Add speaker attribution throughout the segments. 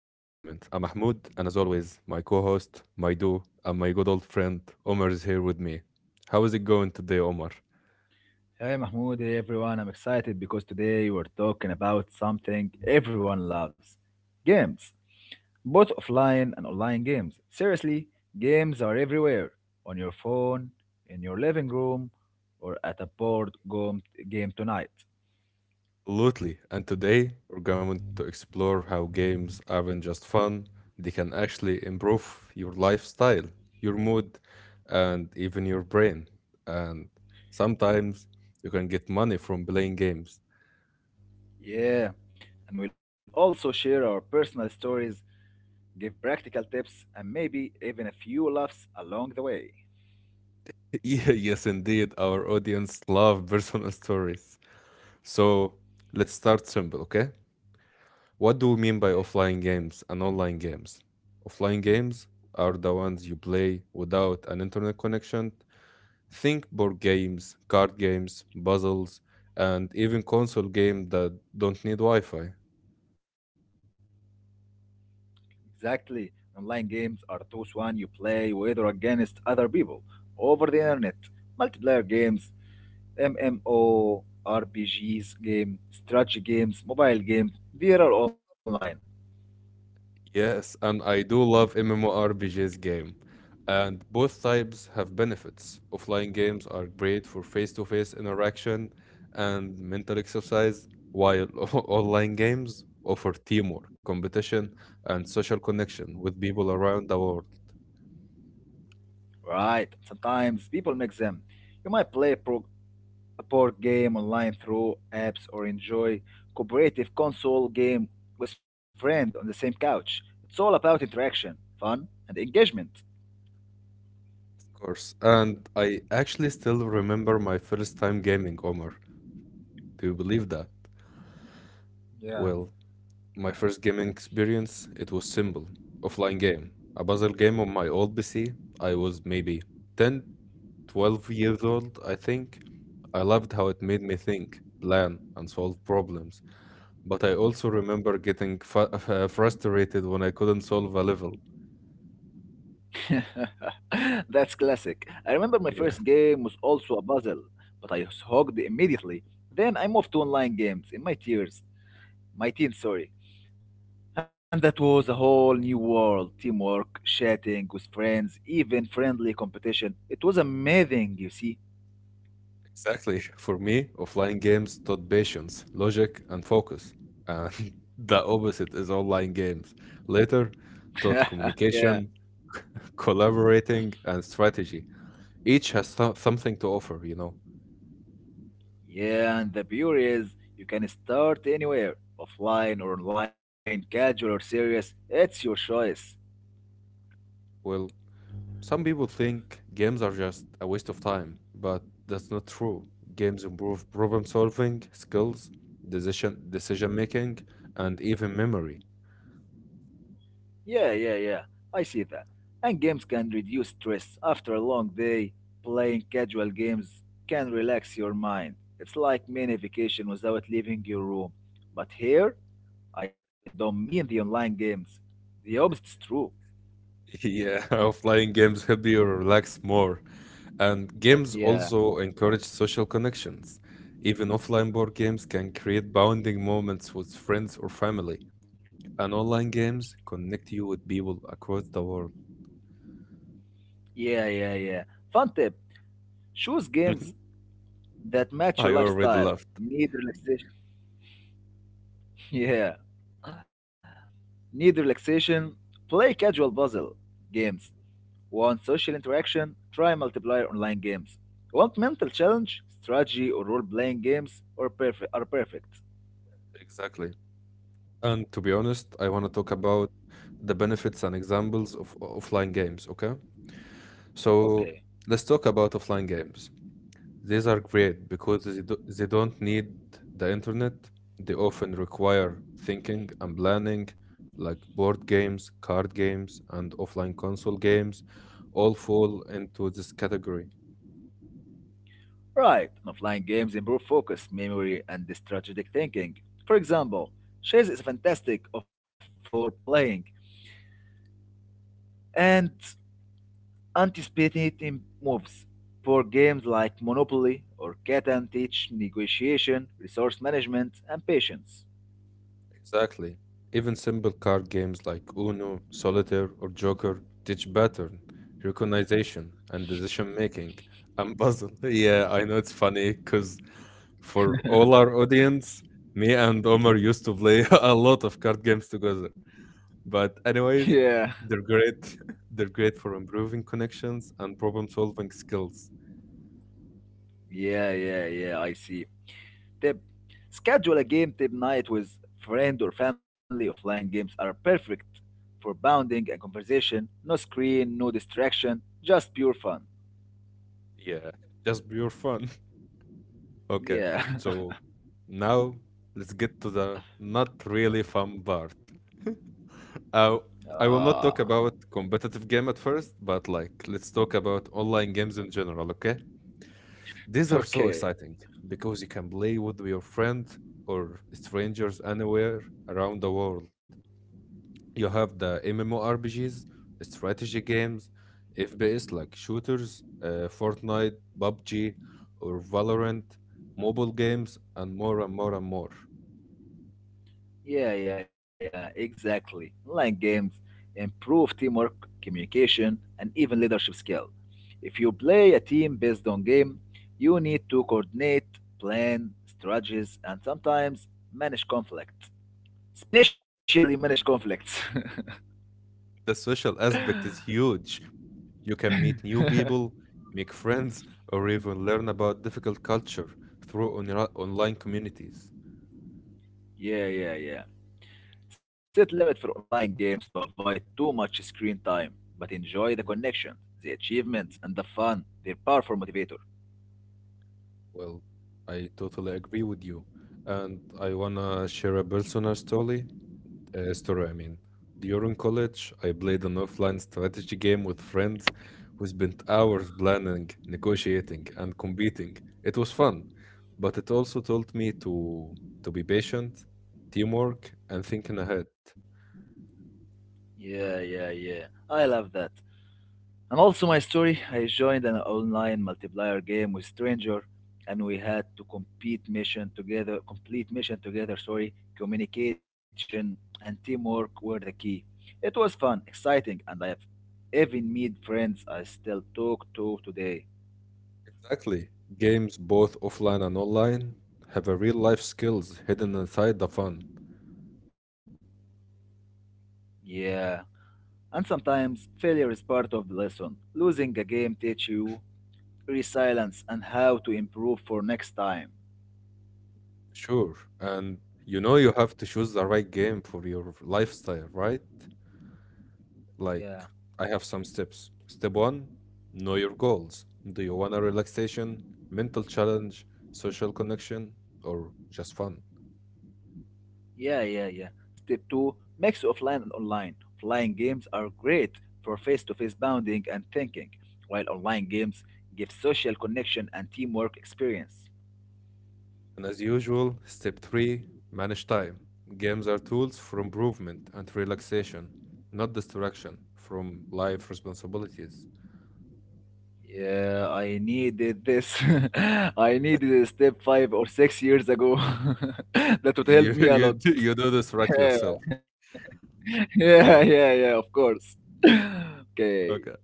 Speaker 1: I'm Mahmoud, and as always, my co host, Maidu, and my good old friend Omar is here with me. How is it going today, Omar?
Speaker 2: Hey Mahmoud, hey everyone, I'm excited because today we're talking about something everyone loves games, both offline and online games. Seriously, games are everywhere on your phone, in your living room, or at a game tonight.
Speaker 1: Absolutely. And today, we're going to explore how games aren't just fun, they can actually improve your lifestyle, your mood, and even your brain. And sometimes you can get money from playing games.
Speaker 2: Yeah, and we'll also share our personal stories, give practical tips, and maybe even a few laughs along the way.
Speaker 1: Yeah, yes, indeed. Our audience love personal stories. So let's start simple, okay? What do we mean by offline games and online games? Offline games are the ones you play without an internet connection. Think board games, card games, puzzles, and even console games that don't need Wi Fi.
Speaker 2: Exactly. Online games are those one you play with or against other people over the internet. Multiplayer games, MMORPGs game, strategy games, mobile games, they are online.
Speaker 1: Yes, and I do love MMORPGs game. And both types have benefits. Offline games are great for face-to-face interaction and mental exercise, while online games offer teamwork, competition, and social connection with people around the world,
Speaker 2: Right. Sometimes people mix them. You might a board game online through apps or enjoy cooperative console game with friend on the same couch. It's all about interaction, fun, and engagement.
Speaker 1: of course. And I actually still remember my first time gaming, Omar. Do you believe that? Well,
Speaker 2: Yeah.
Speaker 1: my first gaming experience, it was simple. Offline game. A puzzle game on my old PC. I was maybe 10, 12 years old, I think. I loved how it made me think, plan, and solve problems. But I also remember frustrated when I couldn't solve a level.
Speaker 2: That's classic. I remember my
Speaker 1: Yeah,
Speaker 2: first game was also a puzzle, but I was hooked immediately. Then I moved to online games in my tears, my teens, sorry. And that was a whole new world. Teamwork, chatting with friends, even friendly competition. It was amazing, you see.
Speaker 1: exactly. For me, offline games taught patience, logic, and focus. And the opposite is online games. Later, taught
Speaker 2: yeah.
Speaker 1: communication, collaborating, and strategy. Each has something to offer, you know.
Speaker 2: Yeah, and the beauty is you can start anywhere, offline or online, casual or serious. It's your choice.
Speaker 1: Well, some people think games are just a waste of time, but that's not true. Games improve problem solving, skills, decision making, and even memory.
Speaker 2: Yeah, yeah, yeah, I see that. And games can reduce stress. After a long day, playing casual games can relax your mind. It's like mini vacation without leaving your room. But here, I don't mean the online games. The opposite is true.
Speaker 1: Yeah, offline games help you relax more. And games also
Speaker 2: Yeah,
Speaker 1: encourage social connections. Even offline board games can create bonding moments with friends or family. And online games connect you with people across the world.
Speaker 2: yeah, yeah, yeah. Fun tip, choose games that
Speaker 1: I
Speaker 2: match your
Speaker 1: already laughed.
Speaker 2: lifestyle. Need relaxation. Yeah. Need relaxation. Play casual puzzle games. Want social interaction? Try multiplayer online games. Want mental challenge? Strategy or role-playing games are perfect. Are perfect.
Speaker 1: Exactly. And to be honest, I want to talk about the benefits and examples of offline games, okay? So
Speaker 2: Okay.
Speaker 1: let's talk about offline games. These are great because they don't need the internet. They often require thinking and planning, like board games, card games, and offline console games, all fall into this category.
Speaker 2: Right. And offline games improve focus, memory, and strategic thinking. For example, chess is fantastic for playing and anticipating moves. For games like Monopoly or Catan teach negotiation, resource management, and patience.
Speaker 1: Exactly. Even simple card games like Uno, Solitaire, or Joker teach pattern, recognition, and decision making. And puzzle. Yeah, I know it's funny because for all our audience, me and Omar used to play a lot of card games together. But
Speaker 2: Yeah,
Speaker 1: anyways, they're great. They're great for improving connections and problem solving skills.
Speaker 2: yeah, yeah, yeah, I see tip. Schedule a game tip night with friend or family. Offline games are perfect for bounding and conversation. No screen, no distraction, just pure fun.
Speaker 1: Yeah, just pure fun. Okay,
Speaker 2: Yeah.
Speaker 1: so now let's get to the not really fun part. Uh, I will
Speaker 2: ah,
Speaker 1: not talk about competitive game at first, but like let's talk about online games in general, okay? These are so
Speaker 2: okay.
Speaker 1: exciting because you can play with your friend or strangers anywhere around the world. You have the MMORPGs, strategy games, FPS like shooters, Fortnite, PUBG, or Valorant, mobile games, and more and more and more.
Speaker 2: Yeah, yeah, yeah, exactly. Online games improve teamwork, communication, and even leadership skill. If you play a team based on game, you need to coordinate, plan, strategies, and sometimes manage conflict. Especially manage conflicts.
Speaker 1: The social aspect is huge. You can meet new people, make friends, or even learn about difficult culture through online communities.
Speaker 2: Yeah, yeah, yeah. Set limit for online games to avoid too much screen time, but enjoy the connection,
Speaker 1: Mhm.
Speaker 2: the achievements, and the fun. They're powerful motivator.
Speaker 1: Well, I totally agree with you. And I wanna share a personal story, I mean. During college, I played an offline strategy game with friends who spent hours planning, negotiating, and competing. It was fun, but it also taught me to be patient, teamwork, and thinking ahead.
Speaker 2: Yeah, yeah, yeah, I love that. And also my story, I joined an online multiplayer game with stranger and we had to compete mission together, complete mission together, sorry. Communication and teamwork were the key. It was fun, exciting, and I have even made friends I still talk to today.
Speaker 1: Exactly. Games, both offline and online, have a real life skills hidden inside the fun.
Speaker 2: Yeah, and sometimes failure is part of the lesson. Losing a game teach you resilience and how to improve for next time.
Speaker 1: Sure. And you know you have to choose the right game for your lifestyle, right?
Speaker 2: Yeah,
Speaker 1: Like, I have some steps. Step one, know your goals. Do you want a relaxation, mental challenge, social connection, or just fun?
Speaker 2: yeah, yeah, yeah. Step two, mix offline and online. Offline games are great for face-to-face bonding and thinking, while online games give social connection and teamwork experience.
Speaker 1: And as usual, step three, manage time. Games are tools for improvement and relaxation, not distraction from life responsibilities.
Speaker 2: Yeah, I needed this. I needed a step 5 or 6 years ago. That would help
Speaker 1: You
Speaker 2: me a
Speaker 1: you
Speaker 2: lot.
Speaker 1: do this rack yourself. Yeah.
Speaker 2: yeah, yeah, yeah, of course. okay.
Speaker 1: Okay.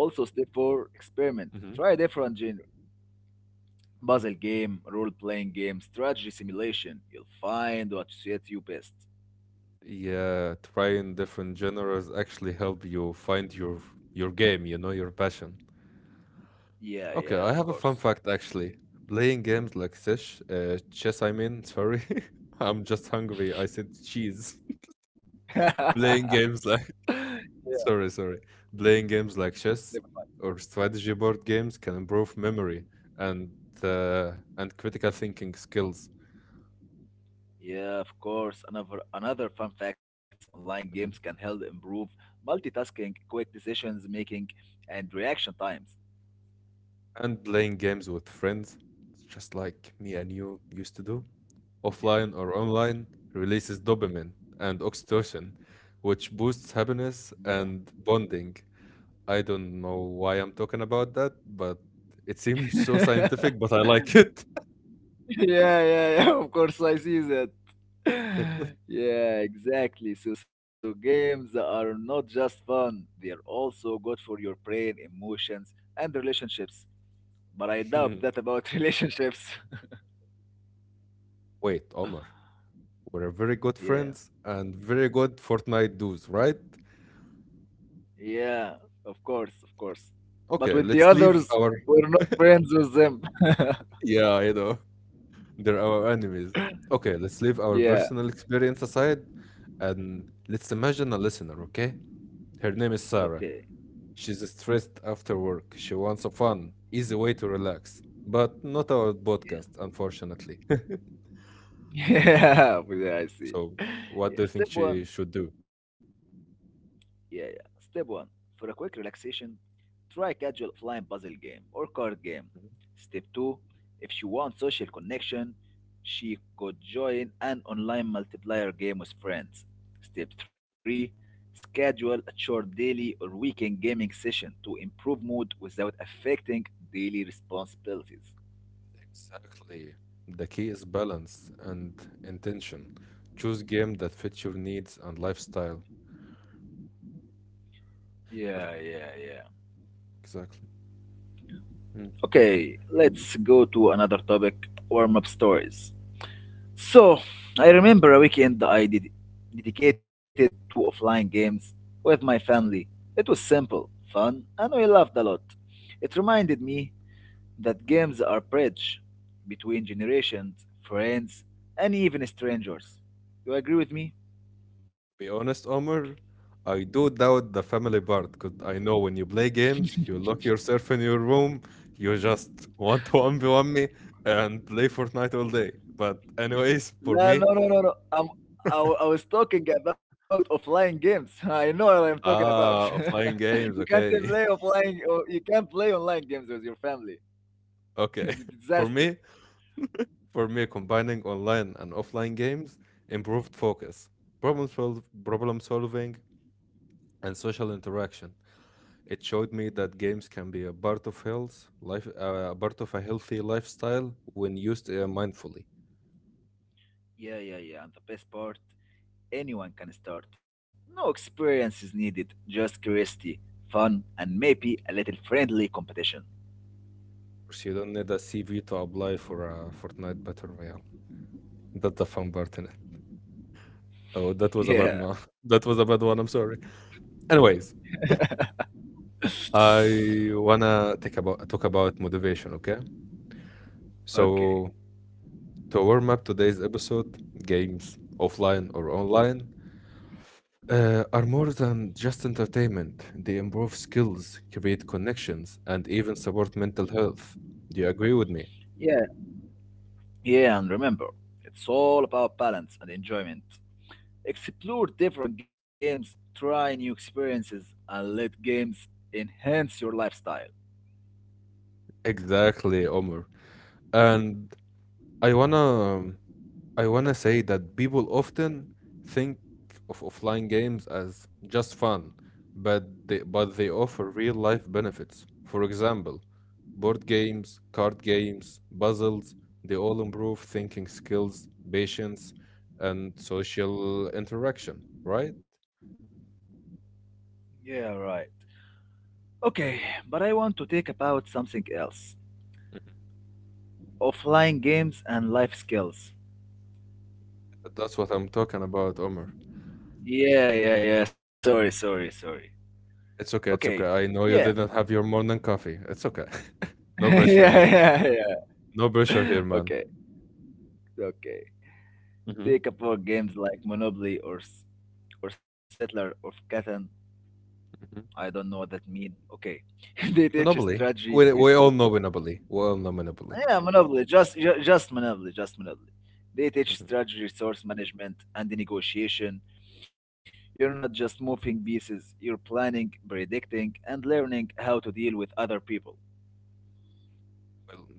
Speaker 2: Also, step
Speaker 1: Cool.
Speaker 2: four experiment.
Speaker 1: hmm
Speaker 2: Try different genre puzzle game, role playing game, strategy simulation. You'll find what suits you best.
Speaker 1: Yeah, trying different genres actually help you find your game, you know, your passion.
Speaker 2: Yeah,
Speaker 1: Okay,
Speaker 2: yeah,
Speaker 1: I
Speaker 2: of
Speaker 1: have a fun
Speaker 2: course.
Speaker 1: fact actually. Playing games like chess I mean, sorry. I'm just hungry. I said cheese.
Speaker 2: yeah,
Speaker 1: Playing games like sorry. Playing games like chess
Speaker 2: never mind.
Speaker 1: or strategy board games can improve memory and critical thinking skills.
Speaker 2: Yeah, of course. Another fun fact: online games can help improve multitasking, quick decisions making, and reaction times.
Speaker 1: And playing games with friends, just like me and you used to do, offline or online, releases dopamine and oxytocin, which boosts happiness
Speaker 2: Yeah.
Speaker 1: and bonding. I don't know why I'm talking about that, but it seems so
Speaker 2: Yeah.
Speaker 1: scientific, but I like it.
Speaker 2: yeah, yeah, yeah. Of course, I see that. Yeah, exactly. So games are not just fun; they are also good for your brain, emotions, and relationships. But I doubt that about relationships.
Speaker 1: Wait, Omar, we're very good
Speaker 2: Yeah,
Speaker 1: friends and very good Fortnite dudes, right?
Speaker 2: yeah. Of course, of course. But
Speaker 1: Okay,
Speaker 2: with the
Speaker 1: let's leave
Speaker 2: others,
Speaker 1: our.
Speaker 2: we're not friends with them.
Speaker 1: Yeah, I know. They're our enemies. Okay, let's leave our
Speaker 2: Yeah.
Speaker 1: personal experience aside and let's imagine a listener, okay? Her name is Sarah.
Speaker 2: Okay.
Speaker 1: She's stressed after work. She wants a fun, easy way to relax, but not our podcast, unfortunately.
Speaker 2: Yeah, I see.
Speaker 1: So, what
Speaker 2: Yeah.
Speaker 1: do you think
Speaker 2: Step
Speaker 1: she
Speaker 2: one.
Speaker 1: should do?
Speaker 2: Yeah, yeah. Step one. For a quick relaxation, try a casual offline puzzle game or card game. Step 2, if she wants social connection, she could join an online multiplayer game with friends. Step 3, schedule a short daily or weekend gaming session to improve mood without affecting daily responsibilities.
Speaker 1: Exactly. The key is balance and intention. Choose game that fits your needs and lifestyle.
Speaker 2: Yeah, yeah, yeah.
Speaker 1: Exactly.
Speaker 2: Okay, let's go to another topic, warm up stories. So, I remember a weekend I did dedicated to offline games with my family. It was simple, fun, and we laughed a lot. It reminded me that games are bridge between generations, friends, and even strangers. You agree with me?
Speaker 1: Be honest, Omar, I do doubt the family part because I know when you play games, you lock yourself in your room, you just want to 1v1 me and play Fortnite all day. But, anyways, for
Speaker 2: No,
Speaker 1: me,
Speaker 2: no, no, no, no. I was talking about offline games. I know what I'm talking about.
Speaker 1: ah, offline
Speaker 2: You
Speaker 1: games,
Speaker 2: can't play
Speaker 1: okay.
Speaker 2: offline, or you can't play online games with your family.
Speaker 1: Okay.
Speaker 2: It's a
Speaker 1: For
Speaker 2: disaster.
Speaker 1: me, for me, combining online and offline games improved focus, problem solving, and social interaction. It showed me that games can be a part of a part of a healthy lifestyle when used mindfully. Of
Speaker 2: Yeah, yeah, yeah. And the best part, anyone can start. No experience is needed, just curiosity, fun, and maybe a little friendly competition.
Speaker 1: course, you don't need a CV to apply for a Fortnite Battle Royale. That's the fun part in it. Oh, that was a
Speaker 2: Yeah.
Speaker 1: that was a bad one. I'm sorry. Anyways, I wanna take about talk about motivation. Okay,
Speaker 2: okay.
Speaker 1: so to warm up today's episode, games offline or online, are more than just entertainment. They improve skills, create connections, and even support mental health. Do you agree with me?
Speaker 2: Yeah, yeah, and remember, it's all about balance and enjoyment. Explore different games, try new experiences, and let games enhance your lifestyle.
Speaker 1: Exactly, Omar. And I wanna um, I want to say that people often think of offline games as just fun, but they offer real life benefits. For example, board games, card games, puzzles, they all improve thinking skills, patience, and social interaction, right?
Speaker 2: Yeah, right. Okay, but I want to take about something else. Offline games and life skills.
Speaker 1: That's what I'm talking about, Omar.
Speaker 2: Yeah, yeah, yeah. Sorry, sorry, sorry.
Speaker 1: It's okay,
Speaker 2: Okay.
Speaker 1: it's okay. I know
Speaker 2: Yeah.
Speaker 1: you didn't have your morning coffee. It's okay. No pressure here.
Speaker 2: Yeah, yeah,
Speaker 1: No pressure
Speaker 2: yeah.
Speaker 1: here, man.
Speaker 2: Okay, okay. Take up board games like Monopoly or Settler of Catan. I don't know what that means. Okay. They teach you
Speaker 1: Monopoly.
Speaker 2: strategy,
Speaker 1: We all
Speaker 2: resource.
Speaker 1: know Monopoly. We all know Monopoly.
Speaker 2: Yeah, Monopoly. Just Monopoly, just Monopoly. They teach
Speaker 1: Mhm.
Speaker 2: strategy, resource management, and the negotiation. You're not just moving pieces, you're planning, predicting, and learning how to deal with other people.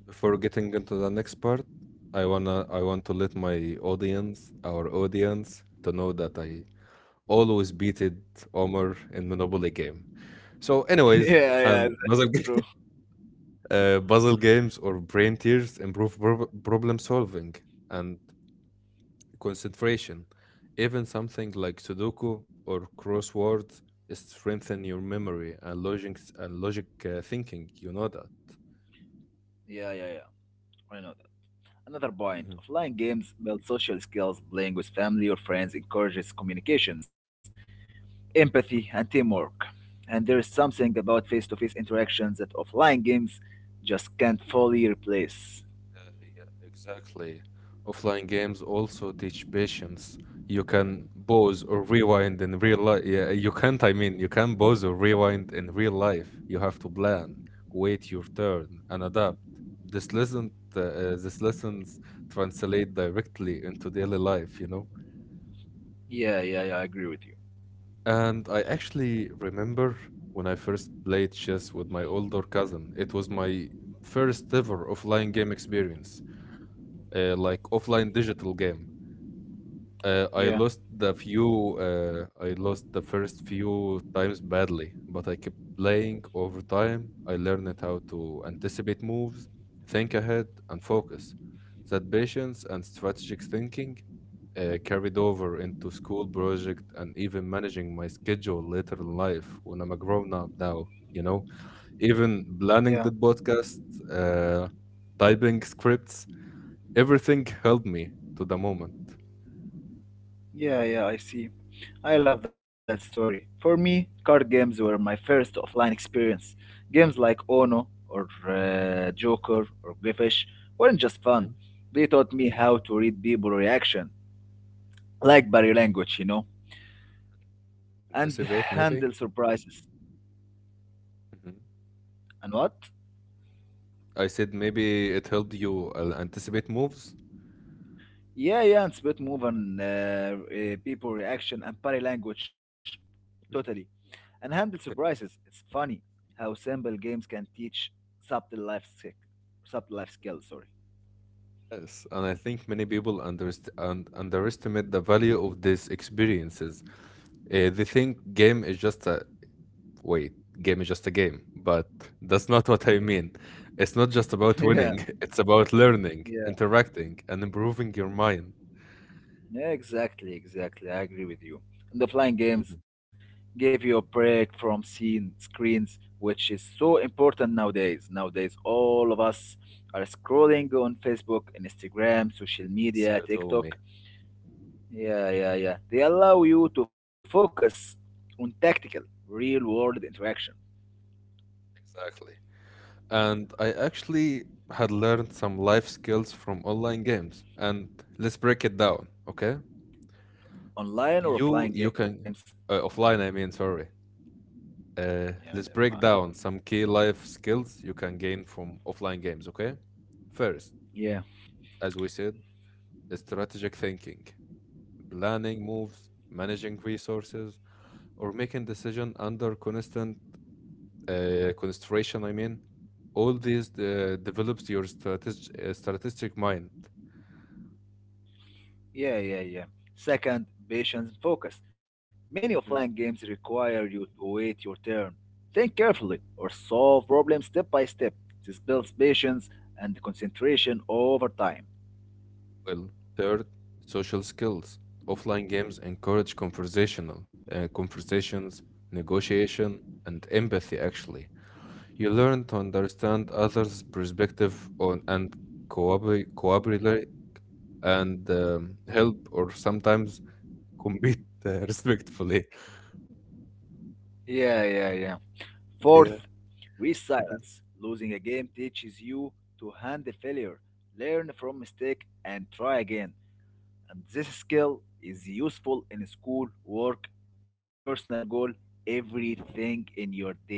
Speaker 1: Before getting into the next part, I want to let our audience, to know that I always beated Omar in Monopoly game. So, anyways,
Speaker 2: Yeah, yeah,
Speaker 1: and
Speaker 2: it's true.
Speaker 1: puzzle games or brain tears improve problem solving and concentration. Even something like Sudoku or crosswords strengthen your memory and logic thinking. You know that.
Speaker 2: Yeah, yeah, yeah. Another, another point.
Speaker 1: Mhm.
Speaker 2: Offline games build social skills. Playing with family or friends encourages communications, empathy, and teamwork. And there is something about face to face interactions that offline games just can't fully replace.
Speaker 1: Yeah, yeah, exactly. Offline games also teach patience. You can pause or rewind in real life. Yeah, you can't, I mean, you can pause or rewind in real life. You have to plan, wait your turn, and adapt. These lessons translate directly into daily life, you know?
Speaker 2: Yeah, yeah, yeah, I agree with you.
Speaker 1: And I actually remember when I first played chess with my older cousin. It was my first ever offline game experience like offline digital game.
Speaker 2: Yeah,
Speaker 1: I lost the first few times badly, but I kept playing over time. I learned how to anticipate moves, think ahead, and focus. That patience and strategic thinking carried over into school project and even managing my schedule later in life when I'm a grown up now. You know, even planning
Speaker 2: yeah.
Speaker 1: the podcast, uh, typing scripts, everything helped me to the moment.
Speaker 2: Yeah, yeah, I see. I love that story. For me, card games were my first offline experience. Games like Ono or Joker or Griffish weren't just fun. They taught me how to read people reaction, like body language, you know, and
Speaker 1: Anticipate, maybe?
Speaker 2: handle surprises.
Speaker 1: Mhm.
Speaker 2: And what?
Speaker 1: I said maybe it helped you anticipate moves.
Speaker 2: Yeah, yeah, and split move and people reaction and body language, totally. And handle surprises. It's funny how simple games can teach subtle life skill, subtle life skills. Sorry.
Speaker 1: Yes, and I think many people underst un underestimate the value of these experiences. They think wait, game is just a game, but that's not what I mean. It's not just about
Speaker 2: Yeah,
Speaker 1: winning, it's about learning,
Speaker 2: yeah,
Speaker 1: interacting, and improving your mind.
Speaker 2: yeah, exactly, exactly. I agree with you. And the flying games
Speaker 1: Mhm.
Speaker 2: give you a break from seeing screens, which is so important nowadays. Nowadays, all of us are scrolling on Facebook, Instagram, social
Speaker 1: So
Speaker 2: media,
Speaker 1: you told
Speaker 2: TikTok.
Speaker 1: me.
Speaker 2: Yeah, yeah, yeah. They allow you to focus on tactical, real world interaction.
Speaker 1: Exactly. And I actually had learned some life skills from online games. And let's break it down, okay?
Speaker 2: Online or
Speaker 1: You
Speaker 2: offline
Speaker 1: you
Speaker 2: games.
Speaker 1: can Offline, I mean, sorry.
Speaker 2: Yeah, never
Speaker 1: Let's
Speaker 2: mind.
Speaker 1: break down some key life skills you can gain from offline games, okay? First,
Speaker 2: Yeah,
Speaker 1: as we said, strategic thinking, planning moves, managing resources, or making decision under constant concentration, I mean. All these develops your strategic mind.
Speaker 2: yeah, yeah, yeah. Second, patience and focus. Many offline games require you to wait your turn, think carefully, or solve problems step by step. This builds patience and concentration over time.
Speaker 1: Well, third, social skills. Offline games encourage conversational conversations, negotiation, and empathy actually. You learn to understand others' perspective on and cooperate and help or sometimes compete respectfully.
Speaker 2: Yeah, yeah, yeah. Fourth,
Speaker 1: Yeah.
Speaker 2: resilience. Losing a game teaches you to handle failure, learn from mistake, and try again. And this skill is useful in school, work, personal goal, everything in your daily.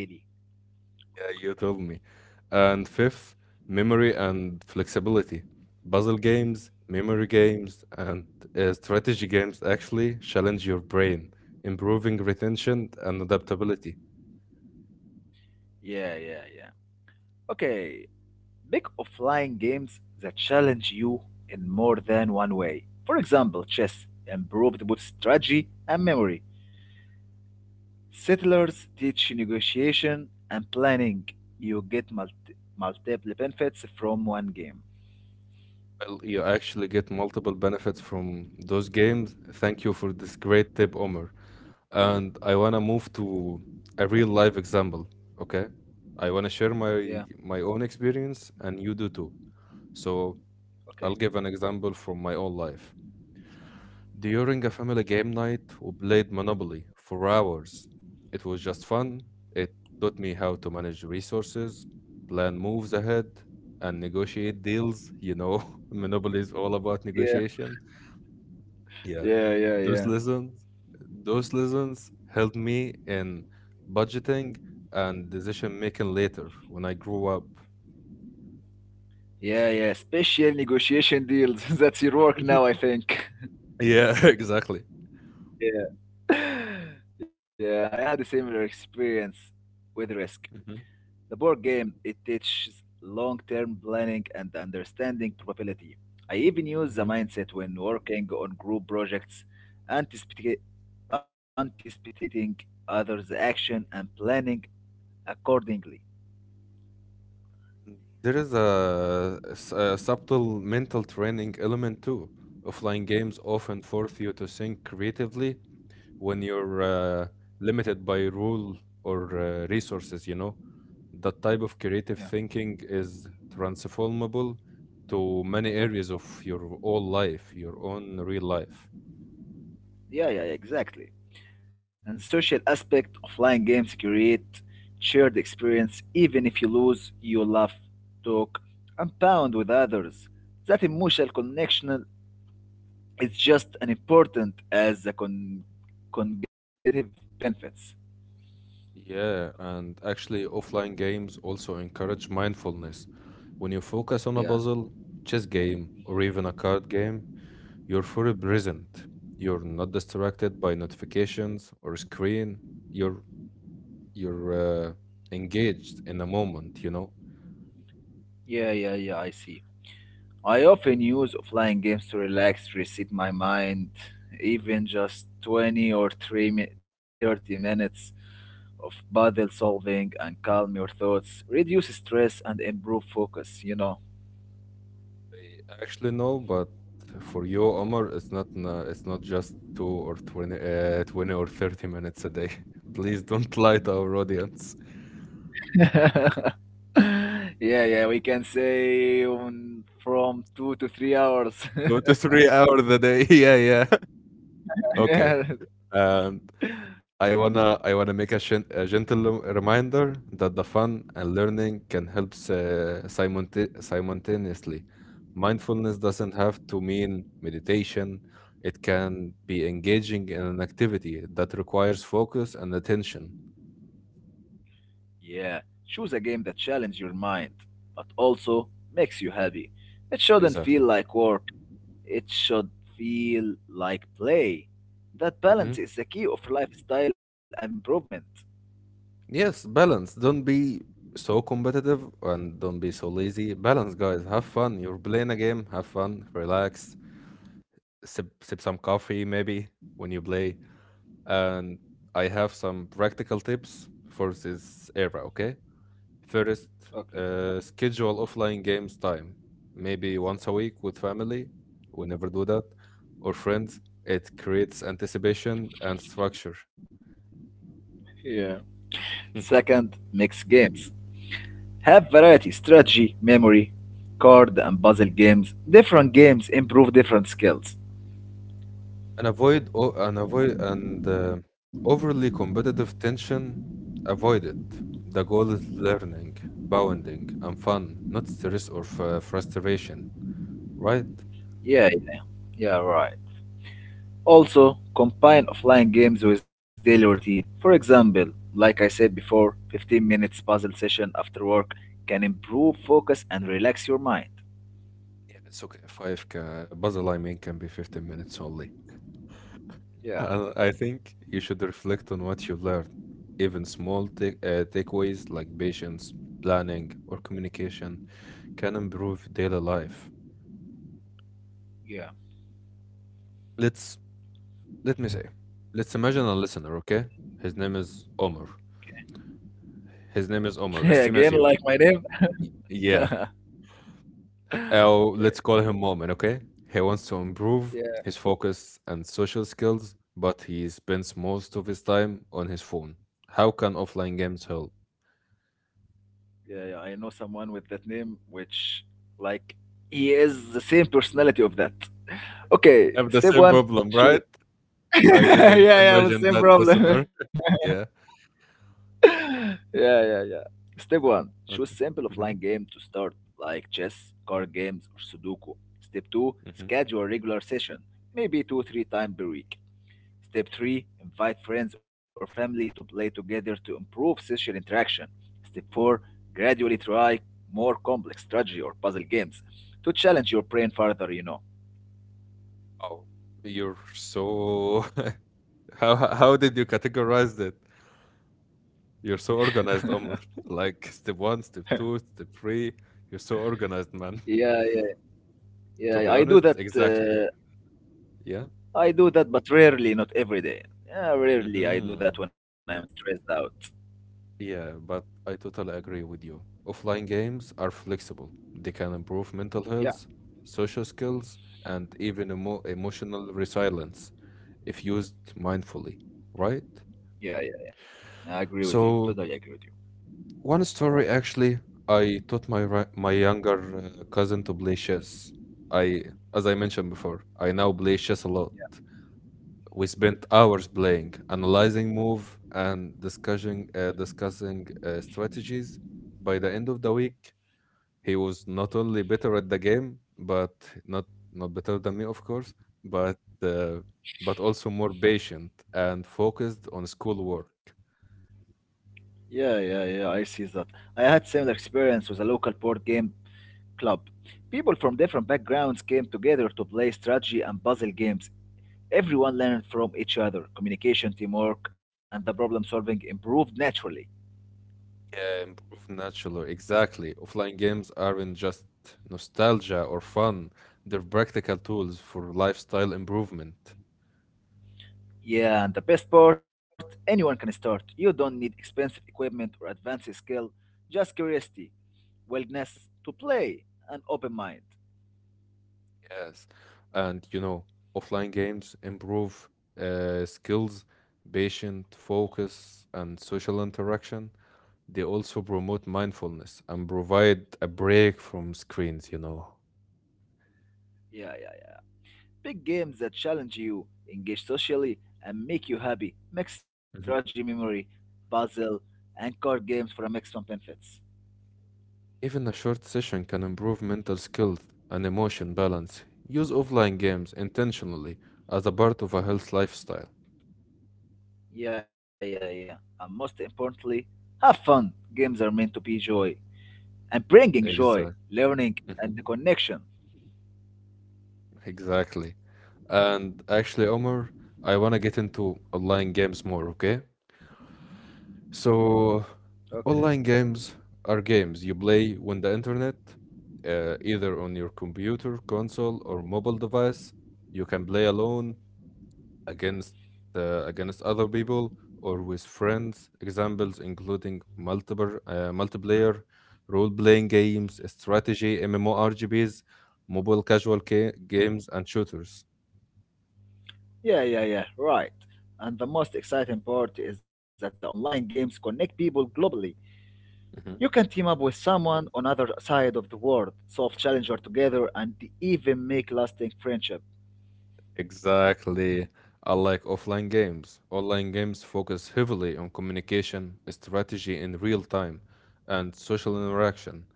Speaker 1: You told me. And fifth, memory and flexibility. Puzzle games, memory games, and strategy games actually challenge your brain, improving retention and adaptability.
Speaker 2: Yeah, yeah, yeah. Okay, big offline games that challenge you in more than one way. For example, chess improved both strategy and memory. Settlers teach negotiation and planning. You get multiple benefits from one game.
Speaker 1: Well, you actually get multiple benefits from those games. Thank you for this great tip, Omar. And I want to move to a real life example. Okay, I want to share my
Speaker 2: Yeah.
Speaker 1: my own experience, and you do too. So
Speaker 2: Okay.
Speaker 1: I'll give an example from my own life. During a family game night, we played Monopoly for hours. It was just fun. It taught me how to manage resources, plan moves ahead, and negotiate deals. Monopoly is all about
Speaker 2: Yeah.
Speaker 1: negotiation. Yeah,
Speaker 2: Yeah. Yeah.
Speaker 1: those
Speaker 2: Yeah.
Speaker 1: lessons, those lessons helped me in budgeting and decision making later when I grew up.
Speaker 2: Yeah, yeah, special negotiation deals. That's your work now, I
Speaker 1: Mhm.
Speaker 2: think.
Speaker 1: Yeah, exactly.
Speaker 2: Yeah. Yeah, I had a similar experience with Risk.
Speaker 1: hmm
Speaker 2: The board game, it teaches long-term planning and understanding probability. I even use the
Speaker 1: hmm
Speaker 2: mindset when working on group projects, anticipating, anticipating others' action and planning accordingly.
Speaker 1: There is a subtle mental training element too. Offline games often force you to think creatively when you're limited by rule or resources. That type of creative thinking is transformable to many areas of your whole life, your own real life.
Speaker 2: Yeah, yeah, yeah, exactly. And social aspect offline games create shared experience. Even if you lose, you laugh, talk, and bond with others. That emotional connection is just as important as the cognitive benefits.
Speaker 1: Yeah, and actually, offline games also encourage mindfulness. When you focus on a
Speaker 2: Yeah,
Speaker 1: puzzle, chess game, or even a card game, you're fully present. You're not distracted by notifications or screen. You're you're engaged in a moment.
Speaker 2: yeah, yeah, yeah, I see. I often use offline games to relax, reset my mind, even just 20 or 3 mi- 30 minutes of puzzle solving and calm your thoughts, reduce stress and improve focus, you know.
Speaker 1: Actually, no, but for you, Omar, it's not just 20 or 30 minutes a day. Please don't lie to our audience.
Speaker 2: Yeah, yeah, we can say from 2 to 3 hours.
Speaker 1: 2 to 3 hours a day. Yeah, yeah. Okay.
Speaker 2: Yeah.
Speaker 1: And I wanna make a gentle reminder that the fun and learning can help simultaneously. Mindfulness doesn't have to mean meditation. It can be engaging in an activity that requires focus and attention.
Speaker 2: Yeah, choose a game that challenges your mind, but also makes you happy. It shouldn't feel
Speaker 1: Exactly.
Speaker 2: like work, it should feel like play. That
Speaker 1: Hmm.
Speaker 2: balance is the key of lifestyle improvement.
Speaker 1: Yes, balance. Don't be so competitive and don't be so lazy. Balance, guys. Have fun. You're playing a game. Have fun. Relax. Sip, sip some coffee, maybe, when you play. And I have some practical tips for this era, okay? First,
Speaker 2: Okay.
Speaker 1: schedule offline games time, maybe once a week with family. We never do that. Or friends. It creates anticipation and structure.
Speaker 2: Yeah. Second, mix games. Have variety, strategy, memory, card and puzzle games. Different games improve different skills.
Speaker 1: And avoid o and avoid and overly competitive tension. Avoid it. The goal is learning, bonding, and fun, not stress or f frustration, right?
Speaker 2: Yeah, yeah, right. Also, combine offline games with daily routine. For example, like I said before, 15 minutes puzzle session after work can improve focus and relax your mind.
Speaker 1: Yeah, it's okay. Five ca puzzle, I mean, can be 15 minutes only.
Speaker 2: Yeah,
Speaker 1: And I think you should reflect on what you learned. Even small takeaways like patience, planning, or communication can improve daily life.
Speaker 2: yeah.
Speaker 1: Let's let me say, let's imagine a listener, okay? His name is Omar. His name is Omar, as same
Speaker 2: Again,
Speaker 1: as
Speaker 2: like
Speaker 1: you.
Speaker 2: my name.
Speaker 1: Y- Yeah.
Speaker 2: Okay.
Speaker 1: Oh, let's call him Moment, okay? He wants to
Speaker 2: Yeah,
Speaker 1: improve his focus and social skills, but he spends most of his time on his phone. How can offline games help?
Speaker 2: yeah, yeah, I know someone with that name, which, like, he is the same personality of that. Okay,
Speaker 1: I have the
Speaker 2: step
Speaker 1: same
Speaker 2: one,
Speaker 1: problem, right?
Speaker 2: choose.
Speaker 1: I
Speaker 2: Yeah,
Speaker 1: didn't
Speaker 2: yeah, the
Speaker 1: imagine
Speaker 2: same
Speaker 1: that,
Speaker 2: problem.
Speaker 1: listener. Yeah.
Speaker 2: Yeah, yeah, yeah. Step one, choose
Speaker 1: Okay.
Speaker 2: simple offline
Speaker 1: Mm-hmm.
Speaker 2: game to start, like chess, card games, or Sudoku. Step two,
Speaker 1: Mm-hmm.
Speaker 2: schedule a regular session, maybe two, three times per week. Step three, invite friends or family to play together to improve social interaction. Step four, gradually try more complex strategy or puzzle games to challenge your brain further,
Speaker 1: Oh, you're so. How did you categorize that? You're so organized, Omar. Like step one, step two, step three. You're so organized, man.
Speaker 2: Yeah, yeah,
Speaker 1: To
Speaker 2: yeah.
Speaker 1: be honest, exactly. Yeah.
Speaker 2: I do that, but rarely, not every day. Yeah, rarely I do that
Speaker 1: Mm-hmm.
Speaker 2: when I'm stressed out.
Speaker 1: Yeah, but I totally agree with you. Offline games are flexible. They can improve mental
Speaker 2: Yeah,
Speaker 1: health, social skills, and even emotional resilience if used mindfully, right?
Speaker 2: yeah, yeah, yeah. I agree with you. Totally
Speaker 1: So,
Speaker 2: agree with
Speaker 1: one story actually, I taught my younger cousin to play chess. I, as I mentioned before, I now play chess a lot. We spent hours playing, analyzing move, and discussing strategies. By the end of the week, he was not only better at the game, but not not better than me, of course, but also more patient and focused on schoolwork.
Speaker 2: you. Yeah, yeah, yeah. I see that. I had similar experience with a local board game club. People from different backgrounds came together to play strategy and puzzle games. Everyone learned from each other. Communication, teamwork, and the problem solving improved naturally.
Speaker 1: Yeah, improve naturally. Exactly. Offline games aren't just nostalgia or fun, they're practical tools for lifestyle improvement.
Speaker 2: Yeah, and the best part, anyone can start. You don't need expensive equipment or advanced skill just curiosity willingness to play, an open mind.
Speaker 1: Yes, and offline games improve skills, patient focus, and social interaction. They also promote mindfulness and provide a break from screens.
Speaker 2: Yeah, yeah, yeah. Big games that challenge you, engage socially, and make you happy. Mix strategy,
Speaker 1: Mhm.
Speaker 2: memory, puzzle, and card games for a maximum benefits.
Speaker 1: Even a short session can improve mental skills and emotion balance. Use offline games intentionally as a part of a health lifestyle.
Speaker 2: Yeah, yeah, yeah. And most importantly, have fun. Games are meant to be joy and bringing joy,
Speaker 1: Exactly.
Speaker 2: learning, and the connection.
Speaker 1: Exactly. And actually, Omar, I want to get into online games more, okay? So,
Speaker 2: Okay.
Speaker 1: online games are games you play on the internet, either on your computer, console, or mobile device. You can play alone, against against other people, or with friends. Examples including multiple multiplayer, role-playing games, strategy, MMORPGs, mobile casual games, and shooters.
Speaker 2: Yeah, yeah, yeah. Right. And the most exciting part is that the online games connect people globally. You can team up with someone on other side of the world, solve challenger together, and e-, even make lasting friendship.
Speaker 1: Exactly. Unlike offline games, online games focus heavily on communication, strategy in real time, and social interaction.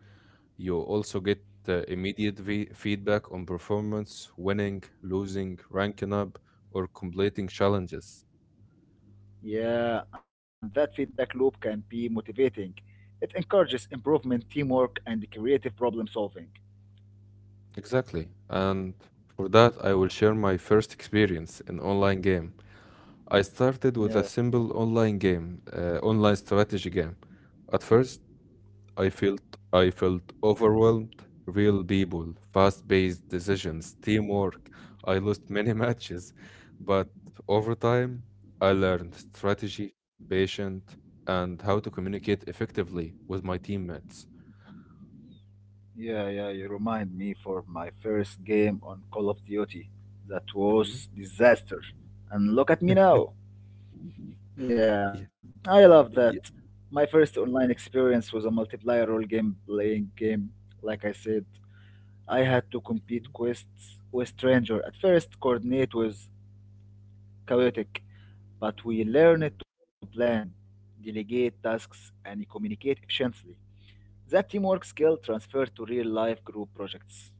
Speaker 1: You also get immediate feedback on performance, winning, losing, ranking up, or completing challenges.
Speaker 2: Yeah, and that feedback loop can be motivating. It encourages improvement, teamwork, and creative problem solving.
Speaker 1: Exactly. And for that, I will share my first experience in online game. I started with
Speaker 2: Yeah,
Speaker 1: a simple online game, online strategy game. At first, I felt I felt overwhelmed. Real people, fast-paced decisions, teamwork. I lost many matches, but over time, I learned strategy, patience, and how to communicate effectively with my teammates.
Speaker 2: yeah, yeah. You remind me for my first game on Call of Duty. That
Speaker 1: Hmm.
Speaker 2: was disaster. And look at me now.
Speaker 1: Yeah,
Speaker 2: Yeah, I love that.
Speaker 1: yeah,
Speaker 2: My first online experience was a multiplayer role game playing game, like I said. I had to complete quests with stranger at first, coordinate was chaotic, but we learned to plan, delegate tasks, and communicate efficiently. That teamwork skill transferred to real life group projects.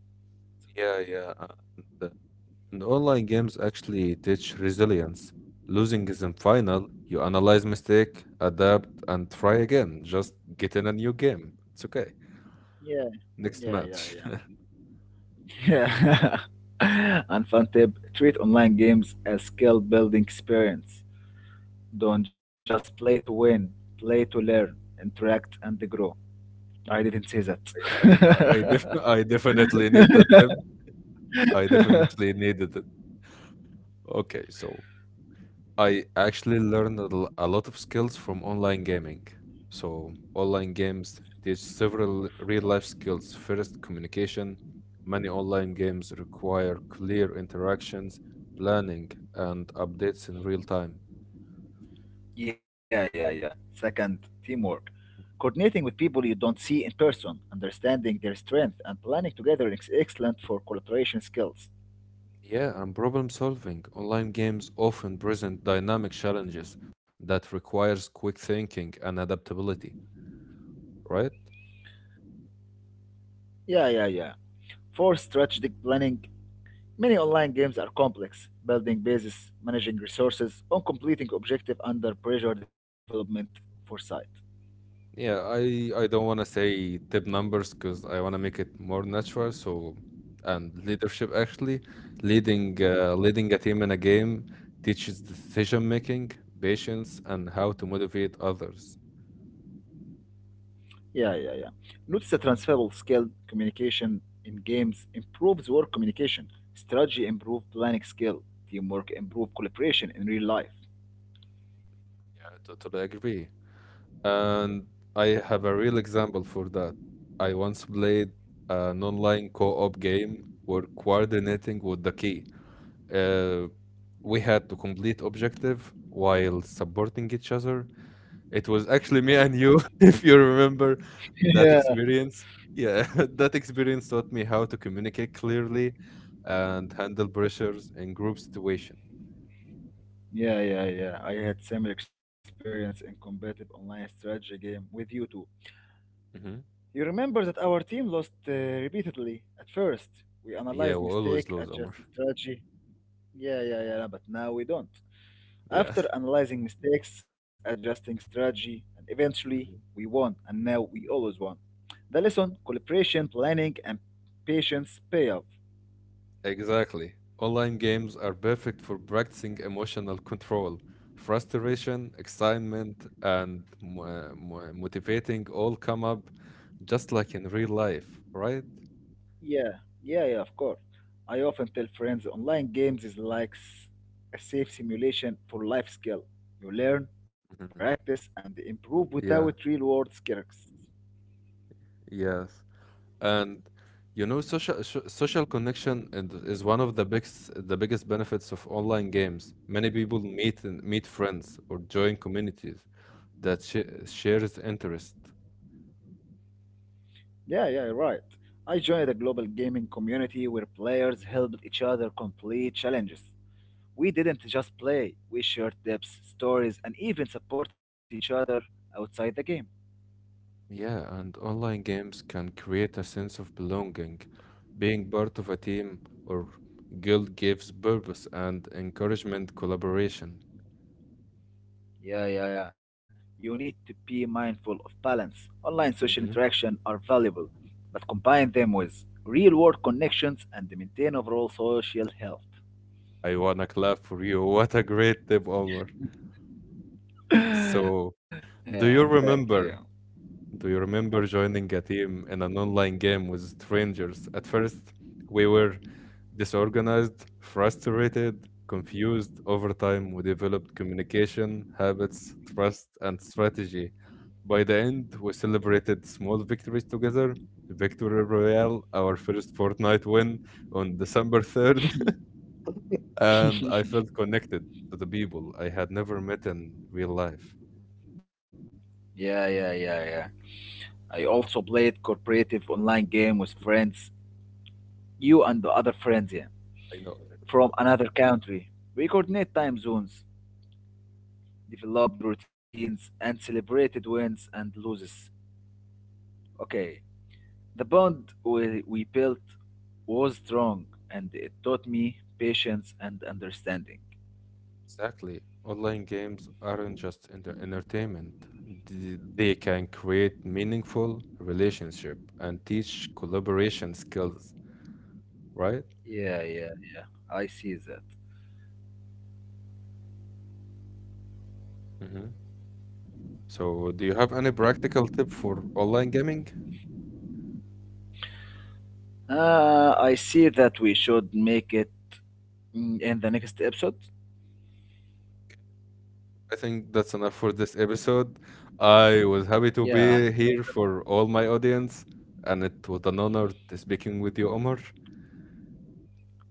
Speaker 1: yeah. Yeah, the- and online games actually teach resilience. Losing isn't final. You analyze mistake, adapt, and try again. Just get in a new game. It's okay.
Speaker 2: Yeah,
Speaker 1: Next
Speaker 2: yeah,
Speaker 1: match.
Speaker 2: yeah, yeah. Yeah. And fun tip treat online games as skill building experience. Don't just play to win, play to learn, interact, and grow. I didn't say that.
Speaker 1: I def I definitely need that tip. I definitely needed it. Okay, so I actually learned a lot of skills from online gaming. So online games teach several real life skills. First, communication. Many online games require clear interactions, planning, and updates in real time.
Speaker 2: Yeah, yeah, yeah. Second, teamwork. Coordinating with people you don't see in person, understanding their strength, and planning together is excellent for collaboration skills.
Speaker 1: Yeah, and problem solving. Online games often present dynamic challenges that requires quick thinking and adaptability. Right?
Speaker 2: Yeah, yeah, yeah. Fourth, strategic planning, many online games are complex, building bases, managing resources, on completing objective under pressure development foresight.
Speaker 1: Yeah, I don't want to say tip numbers because I want to make it more natural. So, and leadership actually, leading a team in a game teaches decision making, patience, and how to motivate others.
Speaker 2: Yeah, yeah, yeah. Notice a transferable skill communication in games improves work communication. Strategy improves planning skill. Teamwork improves collaboration in real life.
Speaker 1: Yeah, I totally agree. And I have a real example for that. I once played an online co-op game where coordinating with the key. Uh, we had to complete objective while supporting each other. It was actually me and you, if you remember that experience. Yeah, that experience taught me how to communicate clearly and handle pressures in group situation.
Speaker 2: Yeah, yeah, yeah. I had similar experience in competitive online strategy game with you too.
Speaker 1: Mhm.
Speaker 2: You remember that our team lost repeatedly at first. We
Speaker 1: Yeah,
Speaker 2: analyzed
Speaker 1: we always
Speaker 2: mistake,
Speaker 1: lose, Omar.
Speaker 2: adjusted strategy. Yeah, yeah, yeah, but now we don't.
Speaker 1: Yeah.
Speaker 2: After analyzing mistakes, adjusting strategy, and eventually we won, and now we always won. The lesson, collaboration, planning, and patience pay off.
Speaker 1: Exactly. Online games are perfect for practicing emotional control, frustration, excitement, and motivating all come up just like in real life, right?
Speaker 2: Yeah, yeah, yeah, of course. I often tell friends online games is like a safe simulation for life skill. You learn,
Speaker 1: Mhm.
Speaker 2: practice, and improve without real
Speaker 1: Yeah,
Speaker 2: world skills.
Speaker 1: yes. And social connection and is one of the biggest benefits of online games. Many people meet friends or join communities that sh shares interest.
Speaker 2: Yeah, yeah, you're right. I joined a global gaming community where players helped each other complete challenges. We didn't just play, we shared tips, stories, and even support each other outside the game.
Speaker 1: Yeah, and online games can create a sense of belonging. Being part of a team or guild gives purpose and encouragement collaboration.
Speaker 2: Yeah, yeah, yeah. You need to be mindful of balance. Online social
Speaker 1: Hmm.
Speaker 2: interaction are valuable, but combine them with real world connections and maintain overall social health.
Speaker 1: I wanna clap for you. What a great tip, Omar. So,
Speaker 2: Yeah,
Speaker 1: do
Speaker 2: thank
Speaker 1: you
Speaker 2: you.
Speaker 1: remember? Do you remember joining a team in an online game with strangers? At first, we were disorganized, frustrated, confused. Over time, we developed communication, habits, trust, and strategy. By the end, we celebrated small victories together. Victory Royale, our first Fortnite win on December 3rd, and I felt connected to the people I had never met in real life.
Speaker 2: Yeah, yeah, yeah, yeah. I also played cooperative online game with friends, you and the other friends yeah,
Speaker 1: I know.
Speaker 2: from another country. We coordinate time zones, developed routines, and celebrated wins and losses. Okay, the bond we built was strong, and it taught me patience and understanding.
Speaker 1: Exactly. Online games aren't just entertainment. They can create meaningful relationship and teach collaboration skills, right?
Speaker 2: Yeah, yeah, yeah. I see that.
Speaker 1: Hmm. So, do you have any practical tip for online gaming?
Speaker 2: I see that we should make it mm, in the next episode.
Speaker 1: I think that's enough for this episode. I was happy to
Speaker 2: Yeah,
Speaker 1: be here for all my audience, and it was an honor to speaking with you, Omar.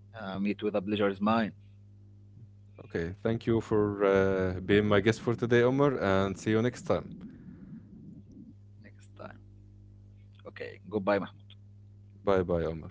Speaker 2: meet with a pleasure is mine
Speaker 1: Okay, thank you for being my guest for today, Omar, and see you next time.
Speaker 2: next time. Okay, goodbye, Mahmoud.
Speaker 1: Bye bye, Omar.